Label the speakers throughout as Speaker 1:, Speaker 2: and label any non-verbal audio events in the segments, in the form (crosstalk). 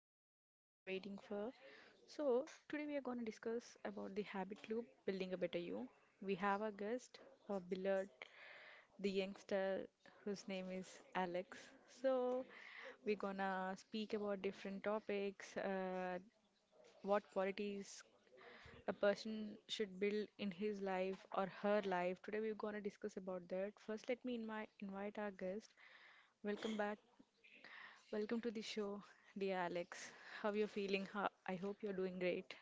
Speaker 1: podcast which you all are waiting for. So, today we are going to discuss about the habit loop building a better you. We have our guest, our beloved, the youngster whose name is Alex. So, we're gonna speak about different topics, what qualities a person should build in his life or her life. Today we're gonna discuss about that. First, let me in invite our guest. Welcome back. Welcome to the show, dear Alex. How you're feeling? How, I hope you're doing great.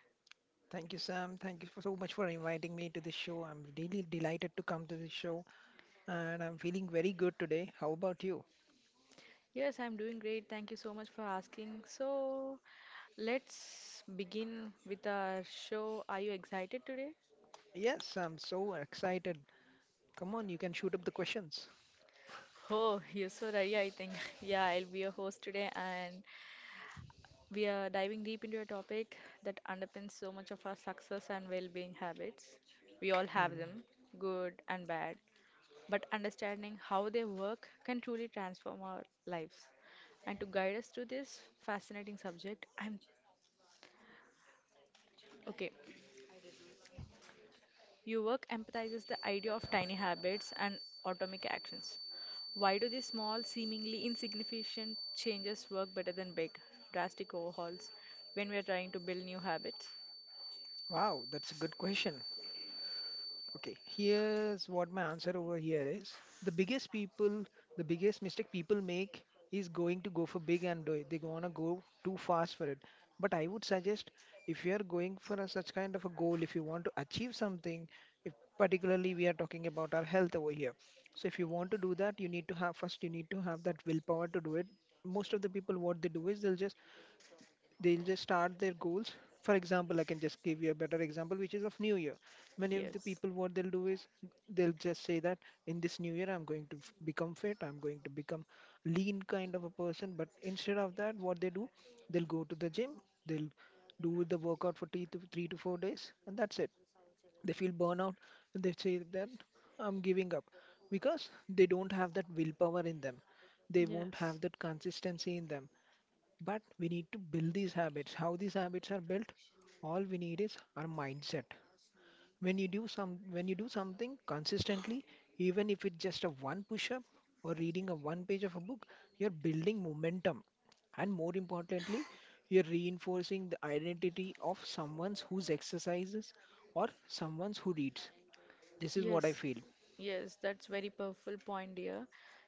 Speaker 2: Thank you, Sam. Thank you for so much for inviting me to the show. I'm really delighted to come to the show and I'm feeling very good today. How about you?
Speaker 1: Yes, I'm doing great. Thank you so much for asking. So, let's begin with our show. Are you excited today?
Speaker 2: Yes, I'm so excited. Come on, you can shoot up the questions.
Speaker 1: Oh, you're so ready, I think. (laughs) Yeah, I'll be your host today, and we are diving deep into a topic that underpins so much of our success and well-being habits. We all have
Speaker 2: Hmm.
Speaker 1: them, good and bad, but understanding how they work can truly transform our lives. And to guide us through this fascinating subject, I'm okay. Your work empathizes the idea of tiny habits and atomic actions. Why do these small, seemingly insignificant changes work better than big, drastic overhauls when we are trying to build new habits?
Speaker 2: Wow, that's a good question. Okay, here's what my answer over here is. The biggest mistake people make is going to go for big and do it. They wanna go too fast for it. But I would suggest if you are going for such kind of a goal, if you want to achieve something, if particularly we are talking about our health over here. So if you want to do that, you need to have first you need to have that willpower to do it. Most of the people what they do is they'll just start their goals. For example, I can just give you a better example, which is of New Year. Many of the
Speaker 1: Yes.
Speaker 2: people, what they'll do is they'll just say that in this New Year, I'm going to f- become fit, I'm going to become lean kind of a person. But instead of that, what they do, they'll go to the gym, they'll do the workout for three to four days, and that's it. They feel burnout and they say that I'm giving up because they don't have that willpower in them. They won't
Speaker 1: Yes.
Speaker 2: have that consistency in them. But we need to build these habits. How these habits are built? All we need is our mindset. When you do something consistently, even if it's just a one push-up or reading a one page of a book, you're building momentum. And more importantly, you're reinforcing the identity of someone who's exercises or someone who reads. This is what I
Speaker 1: Yes,
Speaker 2: feel.
Speaker 1: yes, that's very powerful point, dear.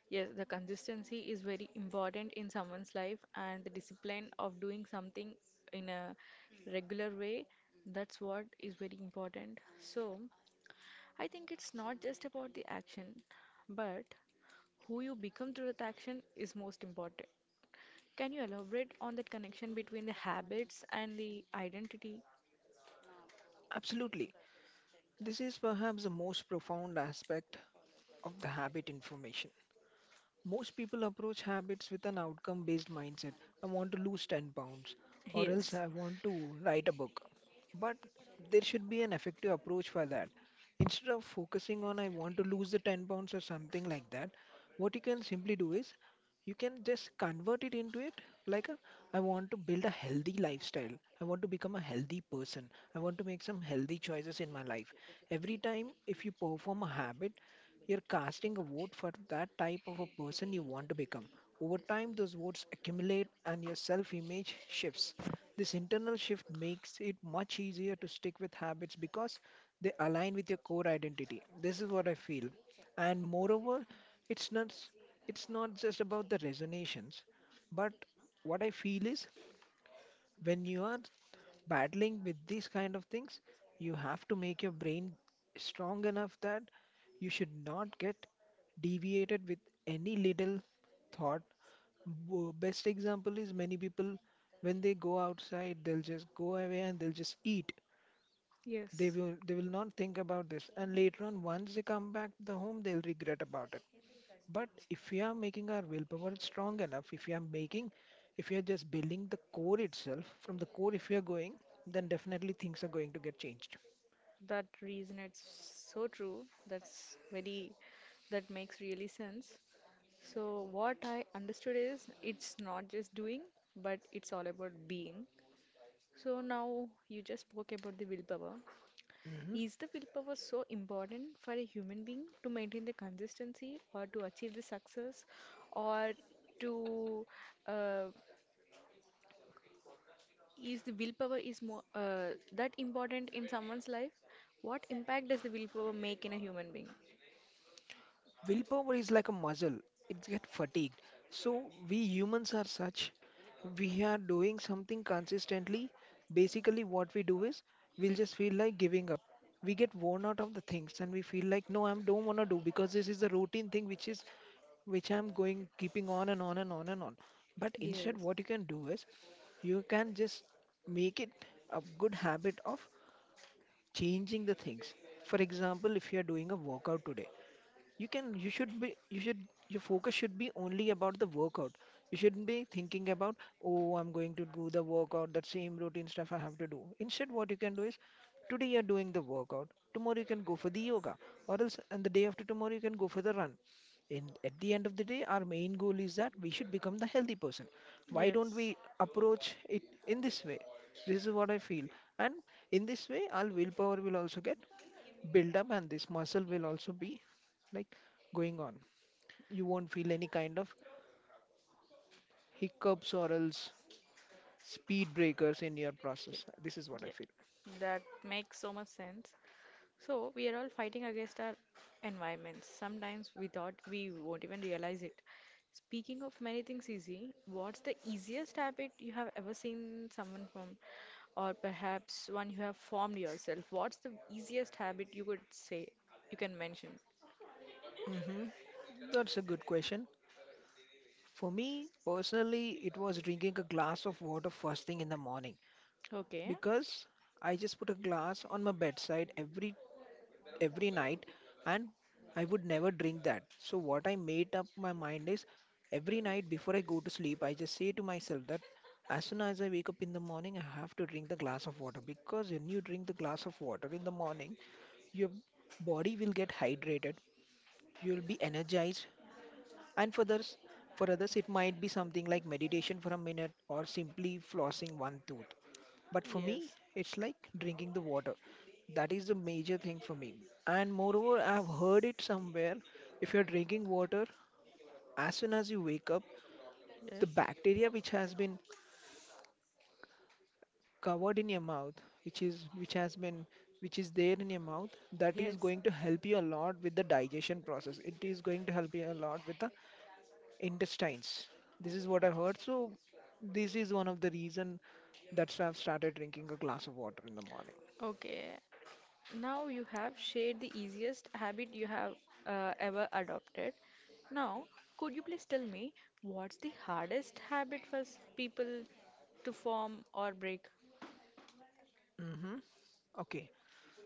Speaker 1: Yes, the consistency is very important in someone's life, and the discipline of doing something in a regular way, that's what is very important. So, I think it's not just about the action, but who you become through that action is most important. Can you elaborate on that connection between the habits and the identity?
Speaker 2: Absolutely. This is perhaps the most profound aspect of the habit information. Most people approach habits with an outcome based mindset. I want to lose 10 pounds, or else
Speaker 1: Yes,
Speaker 2: I want to write a book. But there should be an effective approach for that. Instead of focusing on I want to lose the 10 pounds or something like that, what you can simply do is you can just convert it into like a, I want to build a healthy lifestyle. I want to become a healthy person. I want to make some healthy choices in my life. Every time if you perform a habit, you're casting a vote for that type of a person you want to become. Over time, those votes accumulate and your self image shifts. This internal shift makes it much easier to stick with habits because they align with your core identity. This is what I feel. And moreover, it's not, s- it's not just about the resonations, but what I feel is when you are battling with these kind of things, you have to make your brain strong enough that you should not get deviated with any little thought. Best example is many people when they go outside, they'll just go away and they'll just eat.
Speaker 1: yes,
Speaker 2: They will not think about this, and later on, once they come back to the home, they'll regret about it. But if we are making our willpower strong enough, if we are making, if we are just building the core itself, from the core, if we are going, then definitely things are going to get changed.
Speaker 1: that reason it's so true. That's very, that makes really sense. So what I understood is it's not just doing, but it's all about being. So now you just spoke about the willpower.
Speaker 2: Mhm.
Speaker 1: Is the willpower so important for a human being to maintain the consistency or to achieve the success, or to uh, is the willpower is more that important in someone's life? What impact does the willpower make in a human being?
Speaker 2: Willpower is like a muscle. It gets fatigued. So we humans are such, we are doing something consistently. Basically what we do is we'll just feel like giving up. We get worn out of the things and we feel like no, I don't want to do, because this is the routine thing which is which I'm going keeping on and on and on and on. But instead
Speaker 1: Yes.
Speaker 2: what you can do is you can just make it a good habit of changing the things. For example, if you are doing a workout today, you should, your focus should be only about the workout. You shouldn't be thinking about oh, I'm going to do the workout, that same routine stuff I have to do. Instead what you can do is today you're doing the workout, tomorrow you can go for the yoga, or else and the day after tomorrow you can go for the run. And at the end of the day our main goal is that we should become the healthy person. Why don't we
Speaker 1: Yes.
Speaker 2: approach it in this way? This is what I feel. And in this way our willpower will also get build up and this muscle will also be like going on. You won't feel any kind of hiccups or else speed breakers in your
Speaker 1: Ye-
Speaker 2: process. This is what I
Speaker 1: Yeah,
Speaker 2: feel.
Speaker 1: that makes so much sense. So we are all fighting against our environments. Sometimes we thought we won't even realize it. Speaking of many things easy, what's the easiest habit you have ever seen someone from, or perhaps one you have formed yourself? What's the easiest habit you could say you can mention?
Speaker 2: Hmm. That's a good question. For me personally, it was drinking a glass of water first thing in the morning
Speaker 1: Okay.
Speaker 2: because I just put a glass on my bedside every night, and I would never drink that. So what I made up my mind is every night before I go to sleep, I just say to myself that as soon as I wake up in the morning, I have to drink the glass of water because when you drink the glass of water in the morning, your body will get hydrated, you will be energized, and for others it might be something like meditation for a minute or simply flossing one tooth. But for me,
Speaker 1: Yes.
Speaker 2: it's like drinking the water. That is the major thing for me. And moreover, I've heard it somewhere. If you're drinking water, as soon as you wake up, the
Speaker 1: Yes.
Speaker 2: bacteria which has been covered in your mouth, which is which has been which is there in your mouth, that is
Speaker 1: Yes.
Speaker 2: going to help you a lot with the digestion process. It is going to help you a lot with the intestines. This is what I heard. So this is one of the reason that I've started drinking a glass of water in the morning.
Speaker 1: Okay. Now you have shared the easiest habit you have ever adopted. Now, could you please tell me what's the hardest habit for people to form or break?
Speaker 2: Mm-hmm. Okay,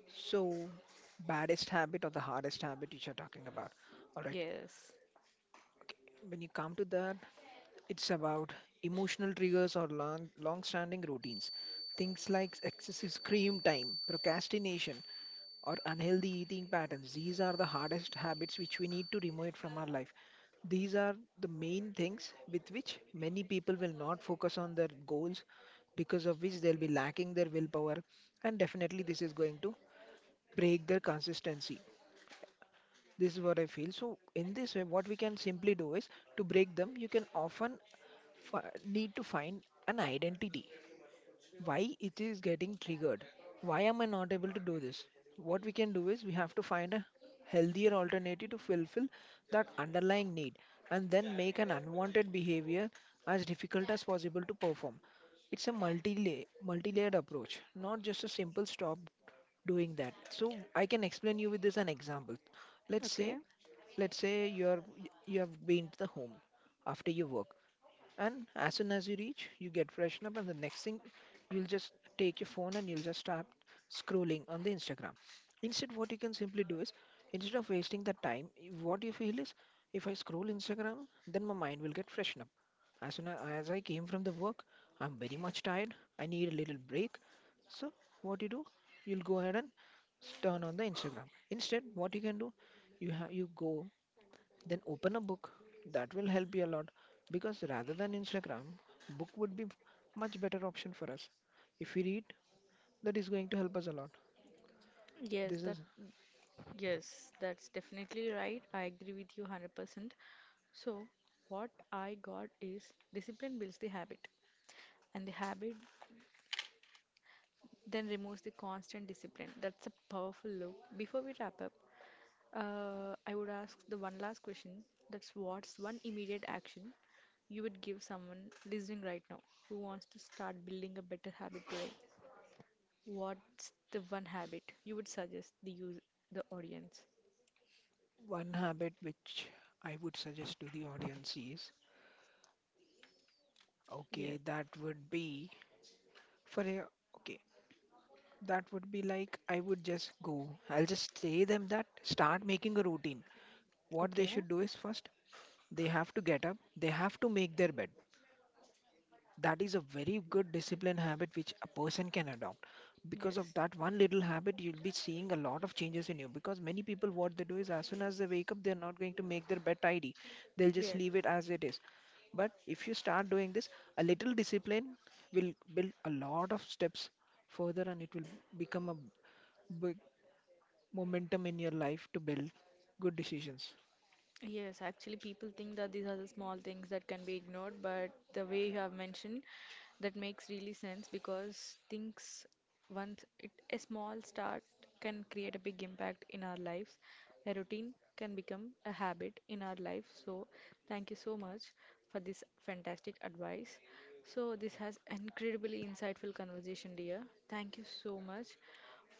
Speaker 2: so, baddest habit or the hardest habit which you're talking about. All right.
Speaker 1: Yes.
Speaker 2: Okay. When you come to that, it's about emotional triggers or long-standing routines. Things like excessive screen time, procrastination, or unhealthy eating patterns. These are the hardest habits which we need to remove from our life. These are the main things with which many people will not focus on their goals, because of which they'll be lacking their willpower, and definitely this is going to break their consistency. This is what I feel. So in this way, what we can simply do is to break them. You can often need to find an identity. Why it is getting triggered? Why am I not able to do this? What we can do is we have to find a healthier alternative to fulfill that underlying need and then make an unwanted behavior as difficult as possible to perform. It's a multi-layered approach, not just a simple stop doing that. So I can explain you with this an example. Let's
Speaker 1: Okay.
Speaker 2: say Let's say you have been to the home after your work, and as soon as you reach, you get freshen up, and the next thing you'll just take your phone and you'll just start scrolling on the Instagram. Instead, what you can simply do is instead of wasting the time, what you feel is if I scroll Instagram, then my mind will get freshen up. As I came from the work, I'm very much tired. I need a little break. So what you do, you'll go ahead and turn on the Instagram. Instead, what you can do, you go then open a book. That will help you a lot because rather than Instagram, book would be much better option for us. If we read, that is going to help us a lot.
Speaker 1: Yes,
Speaker 2: This
Speaker 1: that,
Speaker 2: is
Speaker 1: yes, that's definitely right. I agree with you 100%. So, what I got is discipline builds the habit and the habit then removes the constant discipline. That's a powerful loop. Before we wrap up, I would ask the one last question. That's what's one immediate action you would give someone listening right now who wants to start building a better habit today? What's the one habit you would suggest the use, the audience?
Speaker 2: one habit which I would suggest to the audience is okay,
Speaker 1: Yes.
Speaker 2: that would be for a okay, that would be like I would just go. I'll just say them that start making a routine. What they
Speaker 1: Okay.
Speaker 2: should do is first they have to get up, they have to make their bed. That is a very good discipline habit which a person can adopt, because of
Speaker 1: Yes.
Speaker 2: that one little habit you'll be seeing a lot of changes in you, because many people what they do is as soon as they wake up they're not going to make their bed tidy, they'll just
Speaker 1: Yes.
Speaker 2: leave it as it is. But if you start doing this, a little discipline will build a lot of steps further and it will become a big momentum in your life to build good decisions.
Speaker 1: Yes, actually, people think that these are the small things that can be ignored, but the way you have mentioned, that makes really sense because things, once it, a small start can create a big impact in our lives. A routine can become a habit in our life. So, thank you so much for this fantastic advice. So, this has incredibly insightful conversation, dear. Thank you so much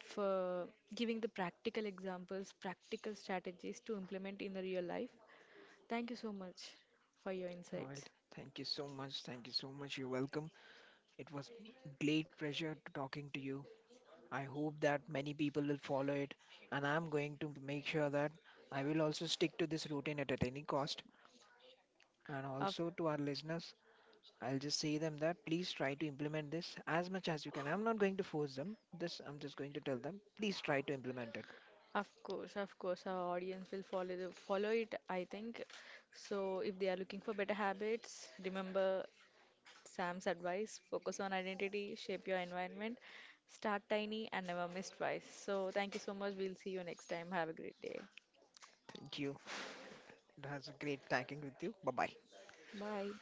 Speaker 1: for giving the practical examples, practical strategies to implement in the real life. Thank you so much for your
Speaker 2: All
Speaker 1: insights.
Speaker 2: right, thank you so much, thank you so much, you're welcome. It was great pleasure to talking to you. I hope that many people will follow it, and I'm going to make sure that I will also stick to this routine at any cost. And
Speaker 1: Of
Speaker 2: also to our listeners, I'll just say them that please try to implement this as much as you can. I'm not going to force them. This I'm just going to tell them. Please try to implement it.
Speaker 1: course, of course, our audience will follow the, follow it, I think. So if they are looking for better habits, remember Sam's advice, focus on identity, shape your environment, start tiny and never miss twice. So thank you so much. We'll see you next time. Have a great day.
Speaker 2: Thank you. It was a great talking with you. Bye bye.
Speaker 1: Bye.